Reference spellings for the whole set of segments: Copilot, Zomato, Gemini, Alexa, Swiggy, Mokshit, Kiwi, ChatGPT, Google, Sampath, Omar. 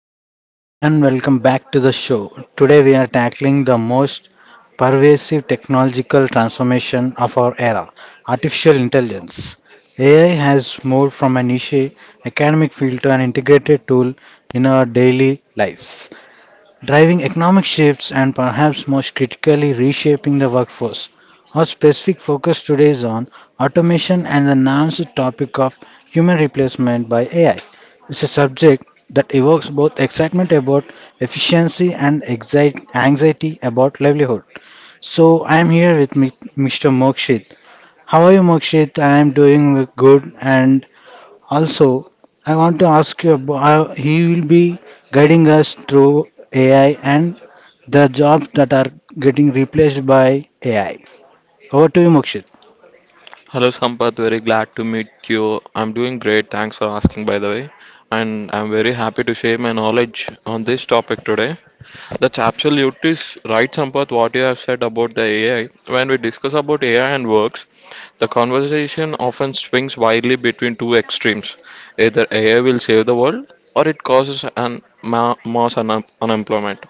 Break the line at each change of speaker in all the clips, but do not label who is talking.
Hello everyone and welcome back to the show. Today we are tackling the most pervasive technological transformation of our era, artificial intelligence. AI has moved from a niche academic field to an integrated tool in our daily lives driving economic shifts and perhaps most critically reshaping the workforce. Our specific focus today is on automation and the nuanced topic of human replacement by AI. It's a subject that evokes both excitement about efficiency and anxiety about livelihood. So I'm here with Mr. Mokshit. How are you, Mokshit? I'm doing good, and also, I want to ask you about he will be guiding us through AI and the jobs that are getting replaced by AI. Over to you, Mokshit.
Hello Sampath, very glad to meet you. I'm doing great, thanks for asking by the way. And I'm very happy to share my knowledge on this topic today. That's absolutely right, Sampath, what you have said about the AI. When we discuss about AI and works, the conversation often swings widely between two extremes. Either AI will save the world or it causes an mass unemployment.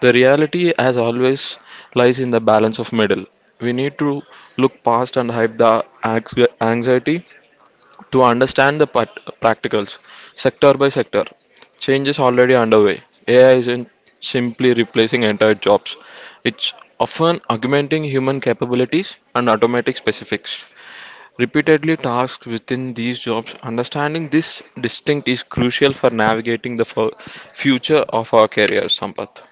The reality, as always, lies in the balance of middle. We need to look past and hype the anx- anxiety to understand the practicals sector by sector. Change is already underway. AI isn't simply replacing entire jobs, it's often augmenting human capabilities and automatic specifics. Repeatedly tasks within these jobs, understanding this distinct is crucial for navigating the future of our careers, Sampath.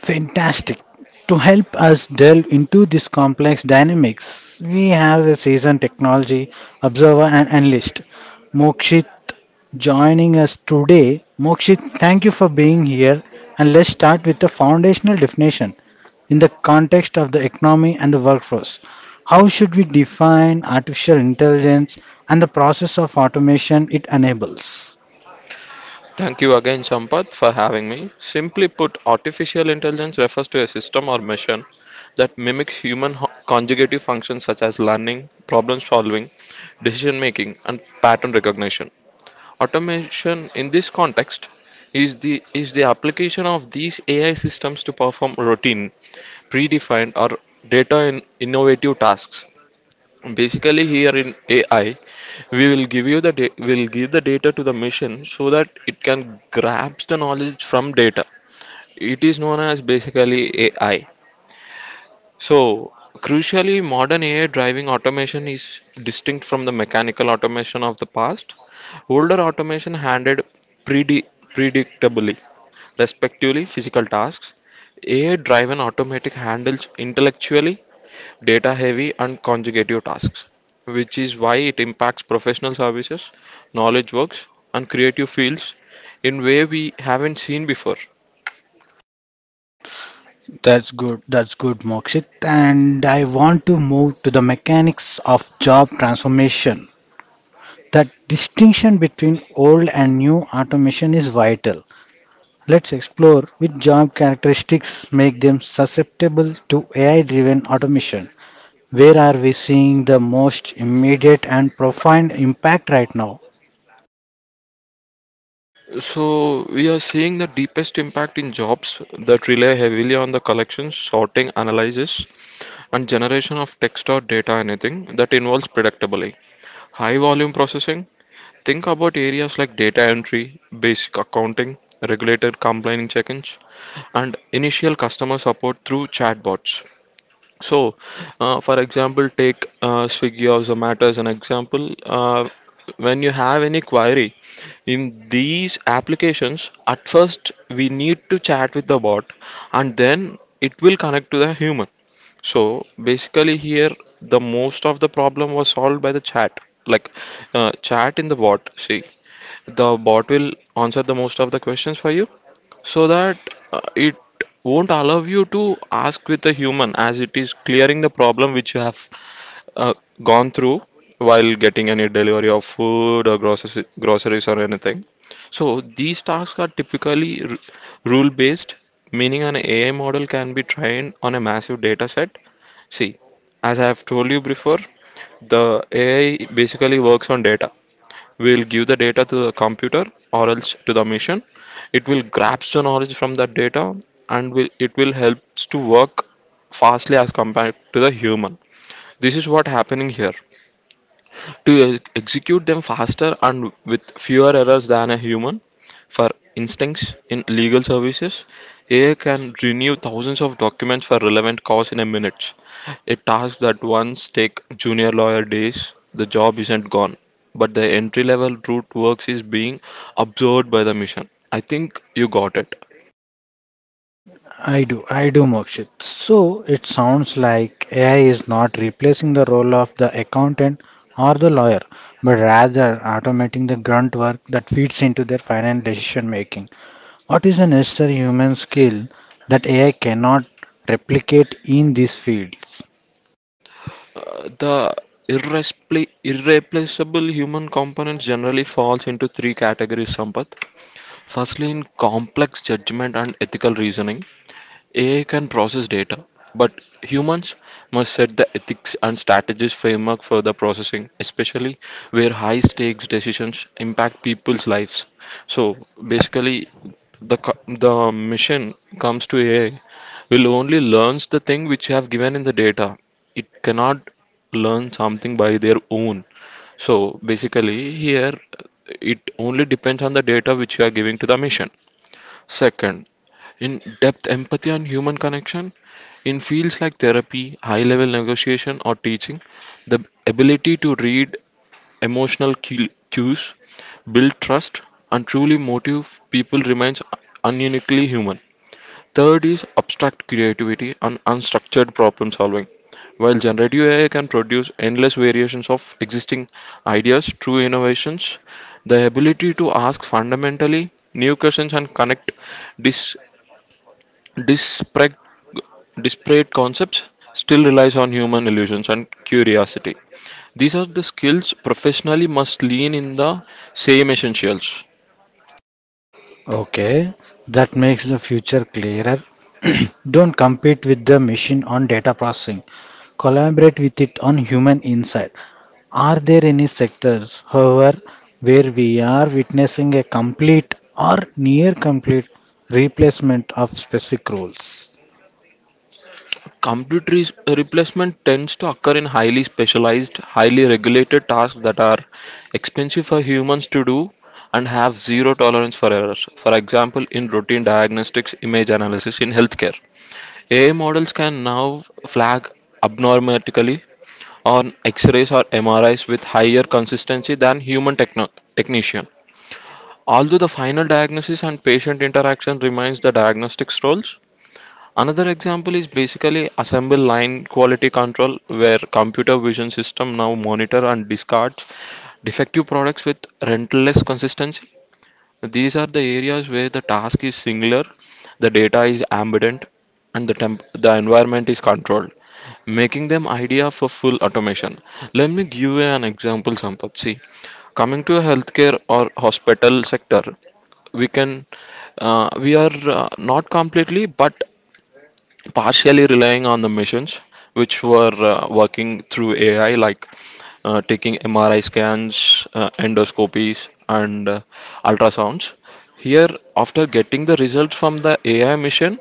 Fantastic. To help us delve into this complex dynamics, we have a seasoned technology observer and analyst, Mokshit, joining us today. Mokshit, thank you for being here and let's start with the foundational definition in the context of the economy and the workforce. How should we define artificial intelligence and the process of automation it enables?
Thank you again, Sampath, for having me. Simply put, artificial intelligence refers to a system or machine that mimics human conjugative functions such as learning, problem solving, decision making, and pattern recognition. Automation in this context is the application of these AI systems to perform routine, predefined, or data in innovative tasks. Basically, here in AI, we will give you the will give the data to the machine so that it can grasp the knowledge from data. It is known as basically AI. So, crucially, modern AI driving automation is distinct from the mechanical automation of the past. Older automation handled predi- predictably, respectively, physical tasks. AI driven automatic handles intellectually data-heavy and consecutive tasks, which is why it impacts professional services, knowledge works, and creative fields in way we haven't seen before.
That's good. That's good, Mokshit. And I want to move to the mechanics of job transformation. That distinction between old and new automation is vital. Let's explore which job characteristics make them susceptible to AI driven automation. Where are we seeing the most immediate and profound impact right now?
So we are seeing the deepest impact in jobs that rely heavily on the collection, sorting, analysis, and generation of text or data anything that involves predictability. High volume processing. Think about areas like data entry, basic accounting, regulated compliance check-ins, and initial customer support through chatbots. So, for example, take Swiggy or Zomato as an example. When you have any query in these applications, at first we need to chat with the bot and then it will connect to the human. So, basically, here the most of the problem was solved by the chat, like chat in the bot. See, the bot will answer the most of the questions for you so that it won't allow you to ask with a human as it is clearing the problem which you have uh, gone through while getting any delivery of food or groceries or anything. So these tasks are typically rule based, meaning an AI model can be trained on a massive data set. See, as I have told you before, the AI basically works on data. We'll give the data to the computer or else to the machine, it will grab the knowledge from that data and it will help to work fastly as compared to the human. This is what happening here, to execute them faster and with fewer errors than a human. For instance, in legal services, AI can renew thousands of documents for relevant cause in a minute. A task that once take junior lawyer days, the job isn't gone, but the entry level root works is being absorbed by the machine. I think you got it.
I do, Mokshit. So it sounds like AI is not replacing the role of the accountant or the lawyer, but rather automating the grunt work that feeds into their final decision making. What is a necessary human skill that AI cannot replicate in these fields?
The irreplaceable human components generally falls into three categories, Sampath. Firstly in complex judgment and ethical reasoning. AI can process data, but humans must set the ethics and strategies framework for the processing, especially where high stakes decisions impact people's lives. So basically, the mission comes to AI will only learns the thing which you have given in the data. It cannot learn something by their own. So basically, here it only depends on the data which you are giving to the mission. Second, in-depth empathy and human connection. In fields like therapy, high-level negotiation, or teaching, the ability to read emotional cues, build trust, and truly motivate people remains uniquely human. Third is abstract creativity and unstructured problem solving. While generative AI can produce endless variations of existing ideas true innovations, the ability to ask fundamentally new questions and connect dis- disparate, disparate concepts still relies on human illusions and curiosity. These are the skills professionally must lean in the same essentials.
Okay, that makes the future clearer. Don't compete with the machine on data processing. Collaborate with it on human insight. Are there any sectors, however, where we are witnessing a complete or near complete replacement of specific roles?
Complete replacement tends to occur in highly specialized, highly regulated tasks that are expensive for humans to do and have zero tolerance for errors. For example, in routine diagnostics, image analysis in healthcare. AI models can now flag abnormality on X-rays or MRIs with higher consistency than human technician. Although the final diagnosis and patient interaction remains the diagnostics role, another example is basically assembly line quality control where computer vision system now monitor and discards defective products with relentless consistency. These are the areas where the task is singular, the data is ambient and the the environment is controlled, making them idea for full automation. Let me give you an example, Sampath. See, coming to healthcare or hospital sector, we can we are not completely but partially relying on the machines which were working through AI, like taking MRI scans, endoscopies, and ultrasounds. Here, after getting the results from the AI machine,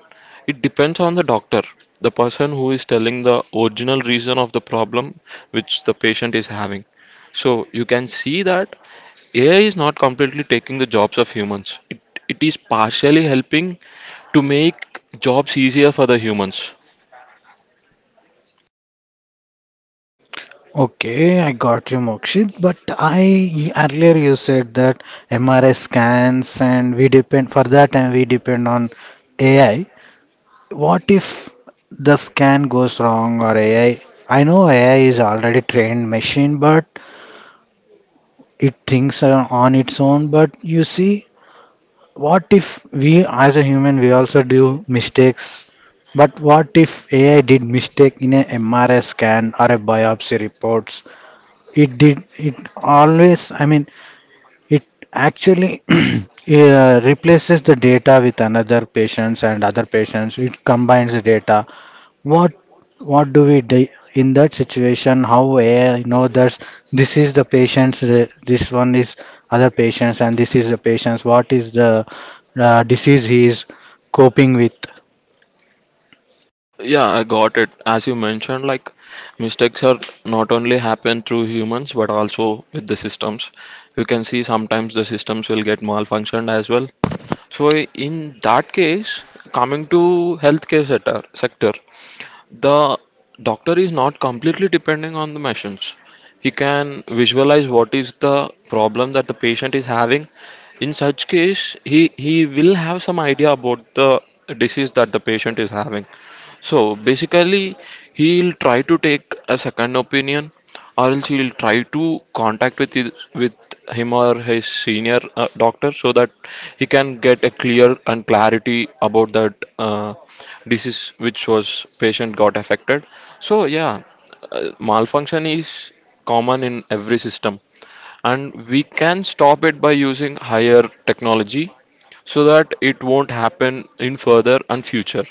it depends on the doctor, the person who is telling the original reason of the problem which the patient is having. So you can see that AI is not completely taking the jobs of humans. It is partially helping to make jobs easier for the humans.
Okay, I got you, Mokshit. But I earlier you said that MRI scans and we depend for that and we depend on AI. What if the scan goes wrong or AI? I know AI is already trained machine, but it thinks on its own. But you see, what if we as a human we also do mistakes? But what if AI did mistake in a MRI scan or a biopsy reports? It did. It always. I mean, it actually replaces the data with another patients and other patients. It combines the data. What what do we do in that situation? How AI know that this is the this one is other patients and this is the patient's, what is the disease he is coping with?
Yeah, I got it. As you mentioned, like mistakes are not only happen through humans but also with the systems. You can see sometimes the systems will get malfunctioned as well. So in that case, coming to healthcare sector, the doctor is not completely depending on the machines. He can visualize what is the problem that the patient is having. In such case, he will have some idea about the disease that the patient is having. So basically, he'll try to take a second opinion, or else he'll try to contact with him or his senior doctor so that he can get a clear and clarity about that. Disease which was patient got affected. So yeah, malfunction is common in every system, and we can stop it by using higher technology so that it won't happen in further and future.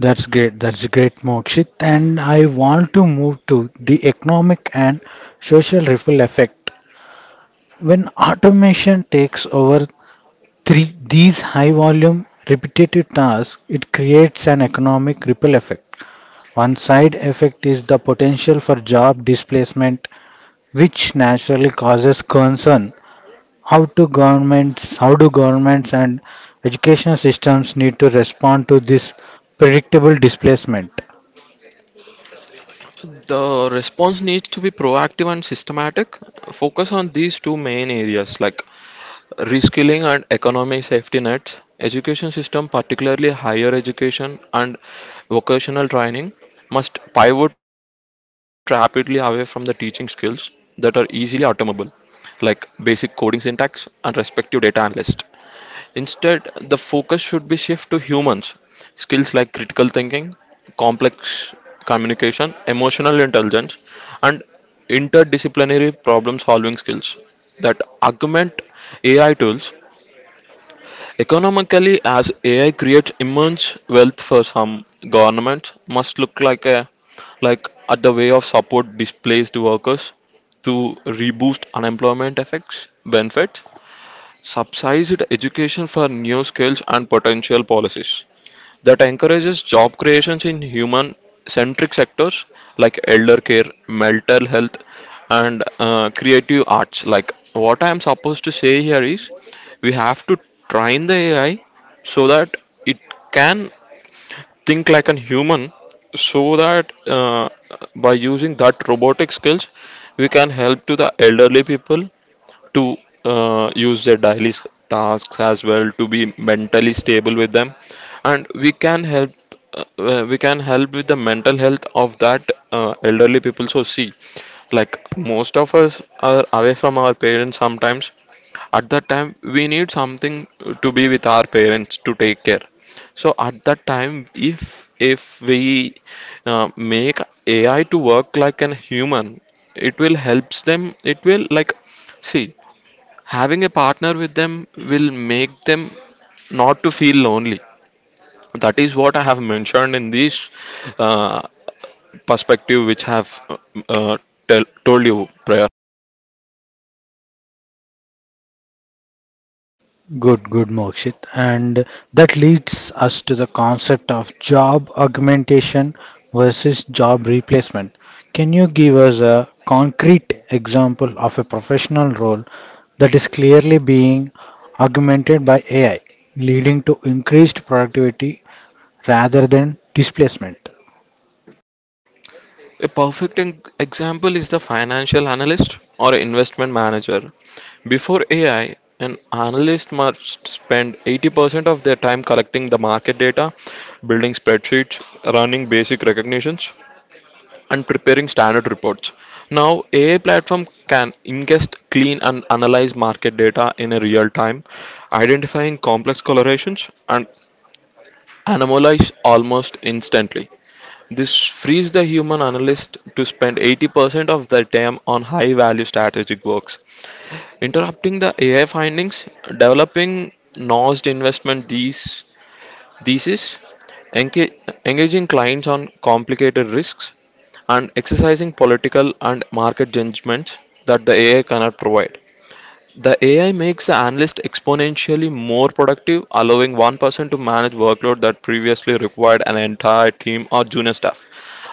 That's great. That's great, Mokshit. And I want to move to the economic and social ripple effect. When automation takes over three, these high volume repetitive tasks, it creates an economic ripple effect. One side effect is the potential for job displacement, which naturally causes concern. How do governments and education systems need to respond to this predictable displacement?
The response needs to be proactive and systematic. Focus on these two main areas like reskilling and economic safety nets. Education system, particularly higher education and vocational training, must pivot rapidly away from the teaching skills that are easily automable, like basic coding syntax and respective data analyst. Instead, the focus should be shift to humans, skills like critical thinking, complex communication, emotional intelligence, and interdisciplinary problem solving skills that augment AI tools. Economically, as AI creates immense wealth for some, governments must look like a like at the way of support displaced workers to reboost unemployment effects benefits, subsidized education for new skills and potential policies that encourages job creations in human centric sectors like elder care, mental health, and creative arts. Like, what I am supposed to say here is we have to train the AI so that it can think like a human, so that by using that robotic skills, we can help to the elderly people to use their daily tasks as well to be mentally stable with them, and we can help with the mental health of that elderly people. So see, like most of us are away from our parents sometimes, at that time we need something to be with our parents to take care. So at that time, if we make AI to work like an human, it will helps them. It will, like, see, having a partner with them will make them not to feel lonely. That is what I have mentioned in this uh, perspective which I have uh, told you prior.
Good, good, Mokshit. And that leads us to the concept of job augmentation versus job replacement. Can you give us a concrete example of a professional role that is clearly being augmented by AI, leading to increased productivity rather than displacement?
A perfect example is the financial analyst or investment manager. Before AI, an analyst must spend 80% of their time collecting the market data, building spreadsheets, running basic recognitions, and preparing standard reports. Now, AI platform can ingest, clean, and analyze market data in a real time, identifying complex correlations and anomalies almost instantly. This frees the human analyst to spend 80% of their time on high value strategic works, interrupting the AI findings, developing nosed investment these thesis. Enga- Engaging clients on complicated risks and exercising political and market judgments that the AI cannot provide. The AI makes the analyst exponentially more productive, allowing one person to manage workload that previously required an entire team or junior staff.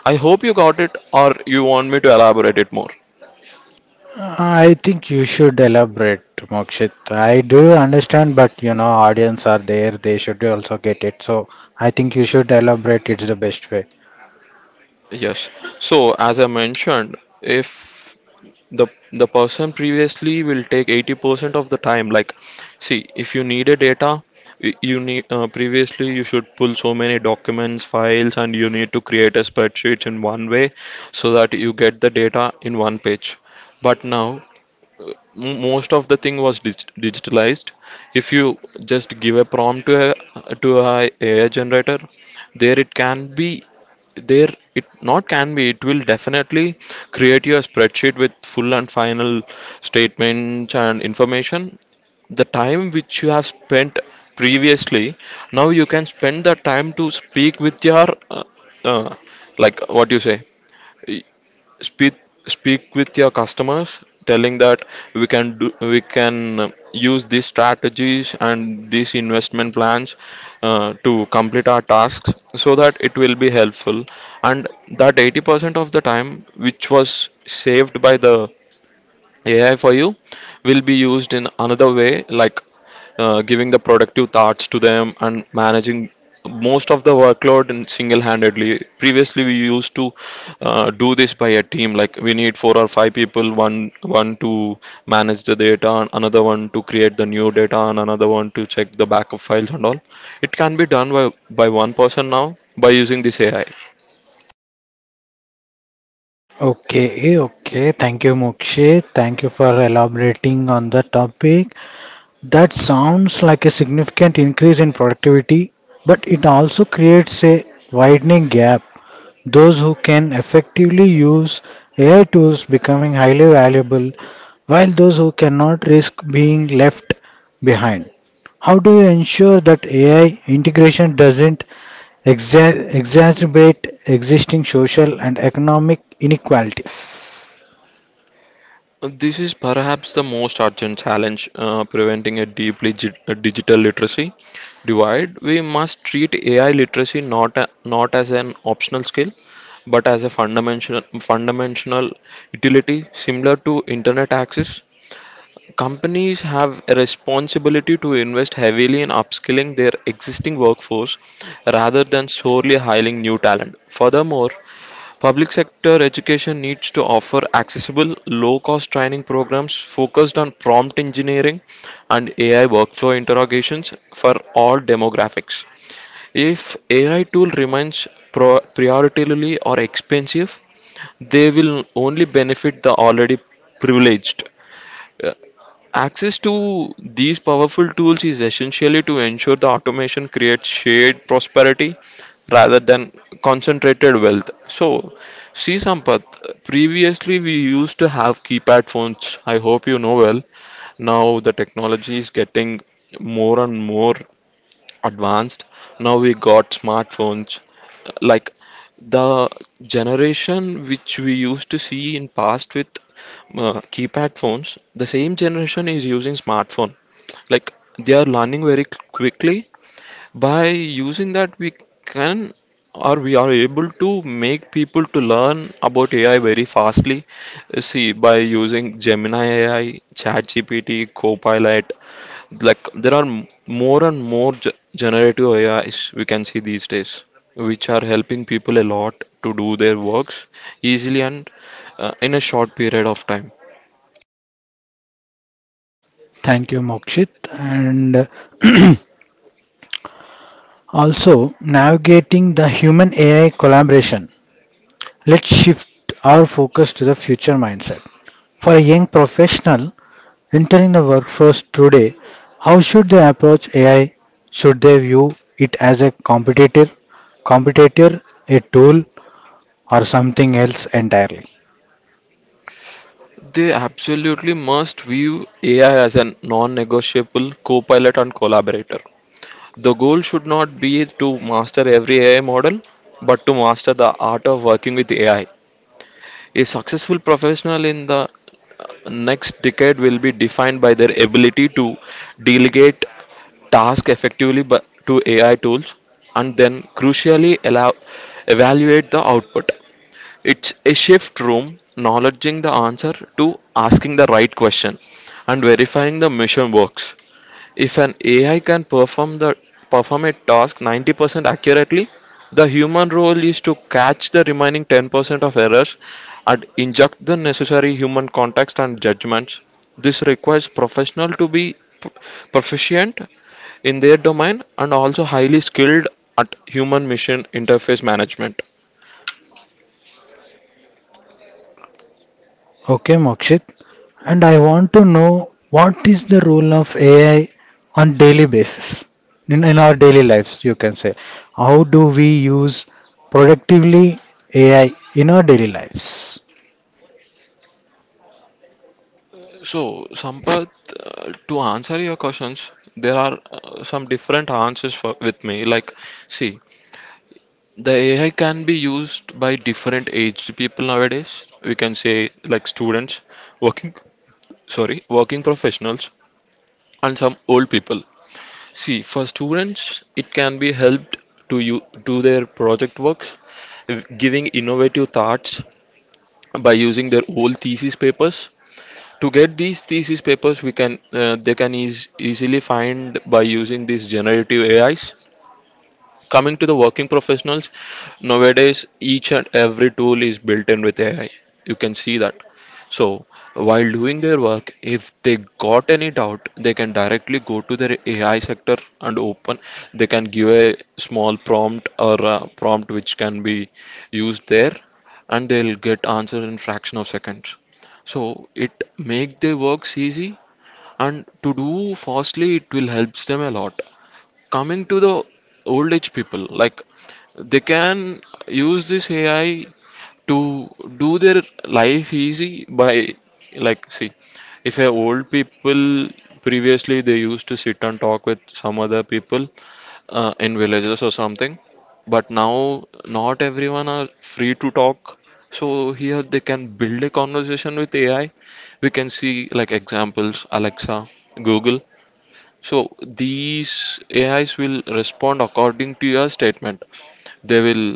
I hope you got it, or you want me to elaborate it more.
I think you should elaborate, Mokshit. I do understand, but you know, audience are there, they should also get it. So I think you should elaborate, it's the best way.
Yes. So, as I mentioned, if the the person previously will take 80% of the time, like, see, if you need a data, you need, previously you should pull so many documents files and you need to create a spreadsheet in one way so that you get the data in one page. But now most of the thing was digitalized. If you just give a prompt to a AI generator, there it can be, there, it, not can be, it will definitely create your spreadsheet with full and final statements and information. The time which you have spent previously, now you can spend the time to speak with your uh, uh, like what you say, speak speak with your customers, telling that we can do, we can use these strategies and these investment plans to complete our tasks, so that it will be helpful. And that 80% of the time which was saved by the AI for you will be used in another way, like giving the productive tasks to them and managing most of the workload in single-handedly. Previously, we used to do this by a team, like we need four or five people, one to manage the data, and another one to create the new data, and another one to check the backup files and all. It can be done by one person now by using this AI.
Okay, okay. Thank you, Mokshit. Thank you for elaborating on the topic. That sounds like a significant increase in productivity, but it also creates a widening gap. Those who can effectively use AI tools becoming highly valuable, while those who cannot risk being left behind. How do you ensure that AI integration doesn't exacerbate existing social and economic inequalities?
This is perhaps the most urgent challenge, preventing a digital literacy divide. We must treat AI literacy not as an optional skill, but as a fundamental utility similar to internet access. Companies have a responsibility to invest heavily in upskilling their existing workforce rather than solely hiring new talent. Furthermore, public sector education needs to offer accessible, low-cost training programs focused on prompt engineering and AI workflow interrogations for all demographics. If AI tool remains prioritarily or expensive, they will only benefit the already privileged. Access to these powerful tools is essentially to ensure the automation creates shared prosperity rather than concentrated wealth. So, see, Sampath, previously we used to have keypad phones. I hope you know well. Now the technology is getting more and more advanced. Now we got smartphones. Like the generation which we used to see in past with keypad phones, the same generation is using smartphone. Like they are learning very quickly. By using that, we can, or we are able to make people to learn about AI very fastly. See, by using Gemini AI, ChatGPT, Copilot, like there are more and more generative AIs we can see these days, which are helping people a lot to do their works easily and in a short period of time.
Thank you, Mokshit. And also navigating the human AI collaboration. Let's shift our focus to the future mindset. For a young professional entering the workforce today, how should they approach AI? Should they view it as a competitor, a tool, or something else entirely?
They absolutely must view AI as a non-negotiable co-pilot and collaborator. The goal should not be to master every AI model, but to master the art of working with AI. A successful professional in the next decade will be defined by their ability to delegate task effectively, to AI tools, and then crucially allow, evaluate the output. It's a shift from acknowledging the answer to asking the right question and verifying the mission works. If an AI can perform a task 90% accurately, the human role is to catch the remaining 10% of errors and inject the necessary human context and judgments. This requires professional to be p- proficient in their domain and also highly skilled at human machine interface management.
Okay, Mokshit. And I want to know what is the role of AI on daily basis in our daily lives, you can say. How do we use productively AI in our daily lives?
So, Sampath, to answer your questions, there are some different answers for, with me. Like, see, the AI can be used by different aged people nowadays. We can say like students, working, sorry, working professionals, and some old people. See, for students, it can be helped to you do their project works, giving innovative thoughts by using their old thesis papers. To get these thesis papers, we can they can easily find by using these generative AIs. Coming to the working professionals, nowadays each and every tool is built in with AI. You can see that. So, while doing their work, if they got any doubt, they can directly go to their AI sector and open. They can give a small prompt or a prompt which can be used there, and they'll get answer in fraction of seconds. So it make their works easy, and to do fastly, it will helps them a lot. Coming to the old age people, like they can use this AI to do their life easy by, like, see, if a old people previously they used to sit and talk with some other people in villages or something, but now not everyone are free to talk, so here they can build a conversation with AI. We can see, like, examples, Alexa, Google. So these AIs will respond according to your statement. they will,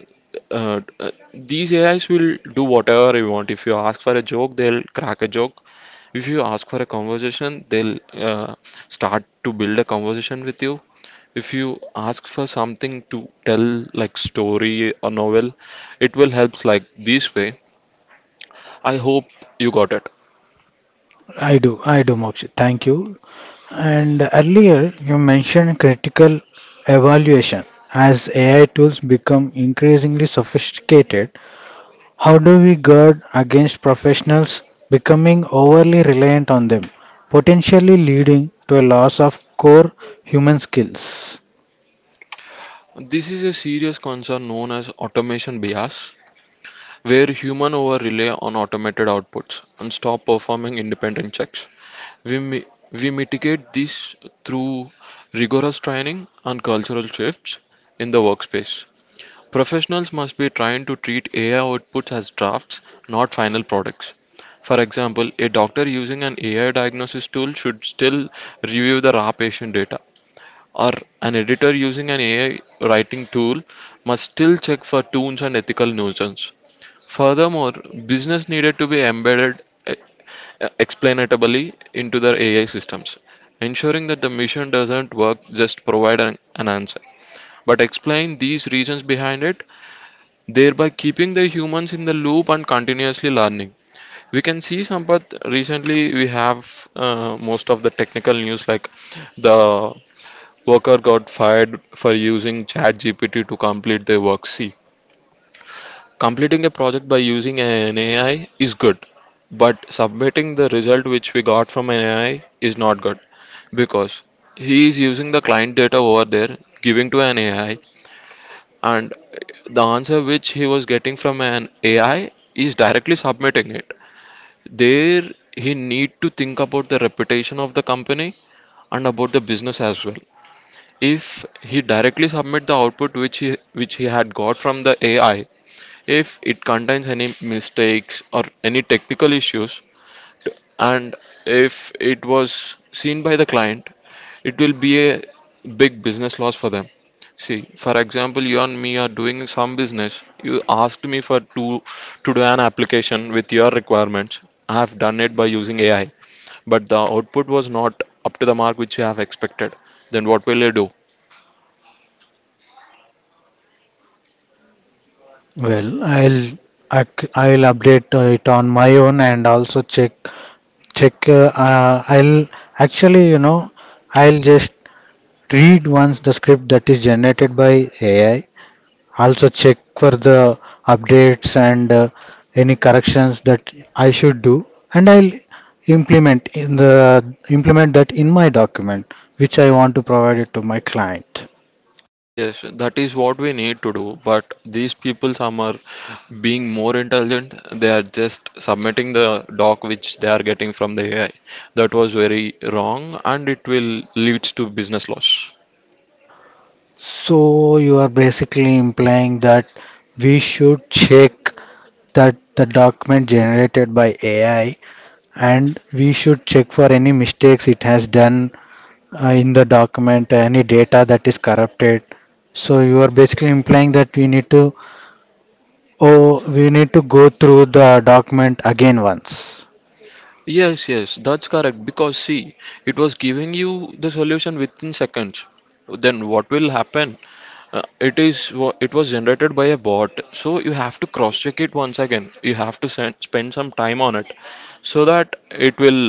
these AIs will do whatever you want. If you ask for a joke, they'll crack a joke. If you ask for a conversation, they'll start to build a conversation with you. If you ask for something to tell, like story or novel, it will help like this way. I hope you got it.
I do, Mokshit. Thank you. And earlier, you mentioned critical evaluation. As AI tools become increasingly sophisticated, how do we guard against professionals becoming overly reliant on them, potentially leading to a loss of core human skills?
This is a serious concern known as automation bias, where human over rely on automated outputs and stop performing independent checks. We, mi- we mitigate this through rigorous training and cultural shifts in the workspace. Professionals must be trained to treat AI outputs as drafts, not final products. For example, a doctor using an AI diagnosis tool should still review the raw patient data, or an editor using an AI writing tool must still check for tunes and ethical nuisance. Furthermore, business needed to be embedded, explainatably, into their AI systems, ensuring that the mission doesn't work just provide an answer, but explain these reasons behind it, thereby keeping the humans in the loop and continuously learning. We can see, Sampath, recently we have, most of the technical news, like the worker got fired for using ChatGPT to complete their work. See, completing a project by using an AI is good, but submitting the result which we got from an AI is not good, because he is using the client data over there, giving to an AI, and the answer which he was getting from an AI is directly submitting it. There, he need to think about the reputation of the company and about the business as well. If he directly submit the output which he had got from the AI, if it contains any mistakes or any technical issues, and if it was seen by the client, it will be a big business loss for them. See, for example, you and me are doing some business. You asked me for to do an application with your requirements. I have done it by using AI, but the output was not up to the mark which you have expected. Then what will you do?
Well, I'll update it on my own and also check. I'll actually, you know, I'll just read once the script that is generated by AI, also check for the updates and any corrections that I should do and I'll implement in the implement that in my document which I want to provide it to my client.
Yes, that is what we need to do, but these people, some are being more intelligent. They are just submitting the doc which they are getting from the AI. That was very wrong, and it will lead to business loss.
So you are basically implying that we should check that the document generated by AI and we should check for any mistakes it has done in the document, any data that is corrupted. So you are basically implying that we need to, oh, we need to go through the document again once.
Yes, yes, that's correct. Because, see, it was giving you the solution within seconds. Then what will happen? Uh, it is it was generated by a bot, so you have to cross check it once again. You have to send, spend some time on it, so that it will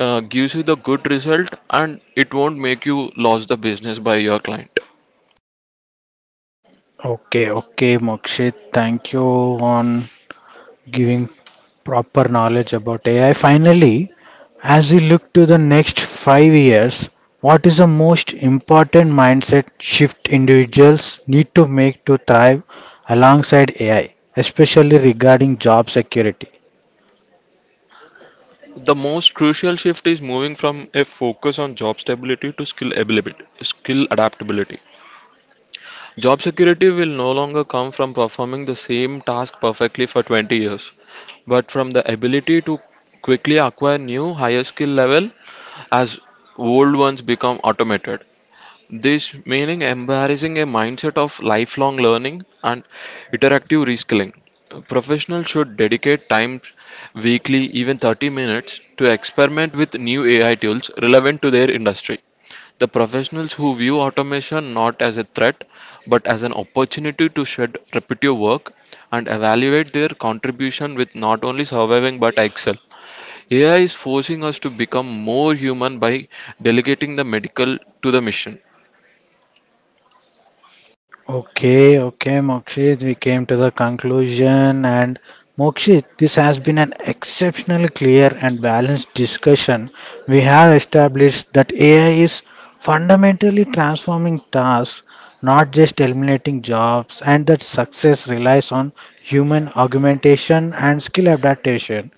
gives you the good result, and it won't make you lose the business by your client.
Okay, okay, Mokshit. Thank you on giving proper knowledge about AI. Finally, as we look to the next 5 years, what is the most important mindset shift individuals need to make to thrive alongside AI, especially regarding job security?
The most crucial shift is moving from a focus on job stability to skill ability, skill adaptability. Job security will no longer come from performing the same task perfectly for 20 years, but from the ability to quickly acquire new higher skill level as old ones become automated. This meaning embarrassing a mindset of lifelong learning and interactive reskilling. Professionals should dedicate time weekly, even 30 minutes, to experiment with new AI tools relevant to their industry. The professionals who view automation not as a threat but as an opportunity to shed repetitive work and evaluate their contribution with not only surviving but excel. AI is forcing us to become more human by delegating the medical to the mission.
Okay, okay, Mokshit, we came to the conclusion. And Mokshit, this has been an exceptionally clear and balanced discussion. We have established that AI is fundamentally transforming tasks, not just eliminating jobs, and that success relies on human augmentation and skill adaptation.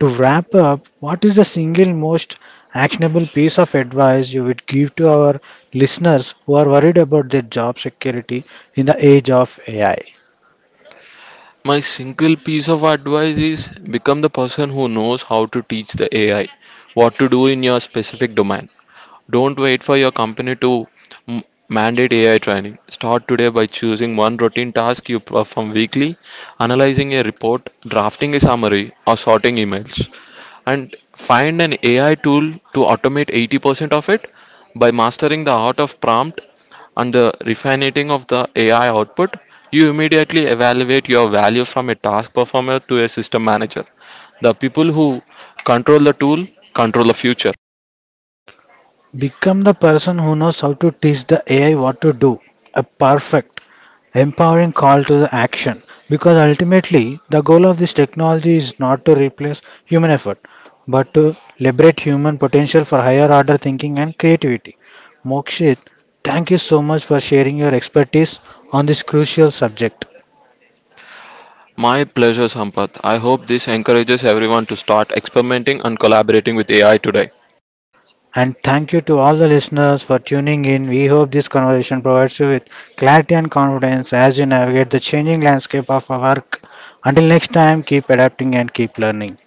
To wrap up, what is the single most actionable piece of advice you would give to our listeners who are worried about their job security in the age of AI?
My single piece of advice is become the person who knows how to teach the AI what to do in your specific domain. Don't wait for your company to m- mandate AI training. Start today by choosing one routine task you perform weekly, analyzing a report, drafting a summary, or sorting emails. And find an AI tool to automate 80% of it. By mastering the art of prompt and the refining of the AI output, you immediately evaluate your value from a task performer to a system manager. The people who control the tool control the future.
Become the person who knows how to teach the AI what to do. A perfect, empowering call to the action. Because ultimately, the goal of this technology is not to replace human effort, but to liberate human potential for higher order thinking and creativity. Mokshit, thank you so much for sharing your expertise on this crucial subject.
My pleasure, Sampath. I hope this encourages everyone to start experimenting and collaborating with AI today.
And thank you to all the listeners for tuning in. We hope this conversation provides you with clarity and confidence as you navigate the changing landscape of our work. Until next time, keep adapting and keep learning.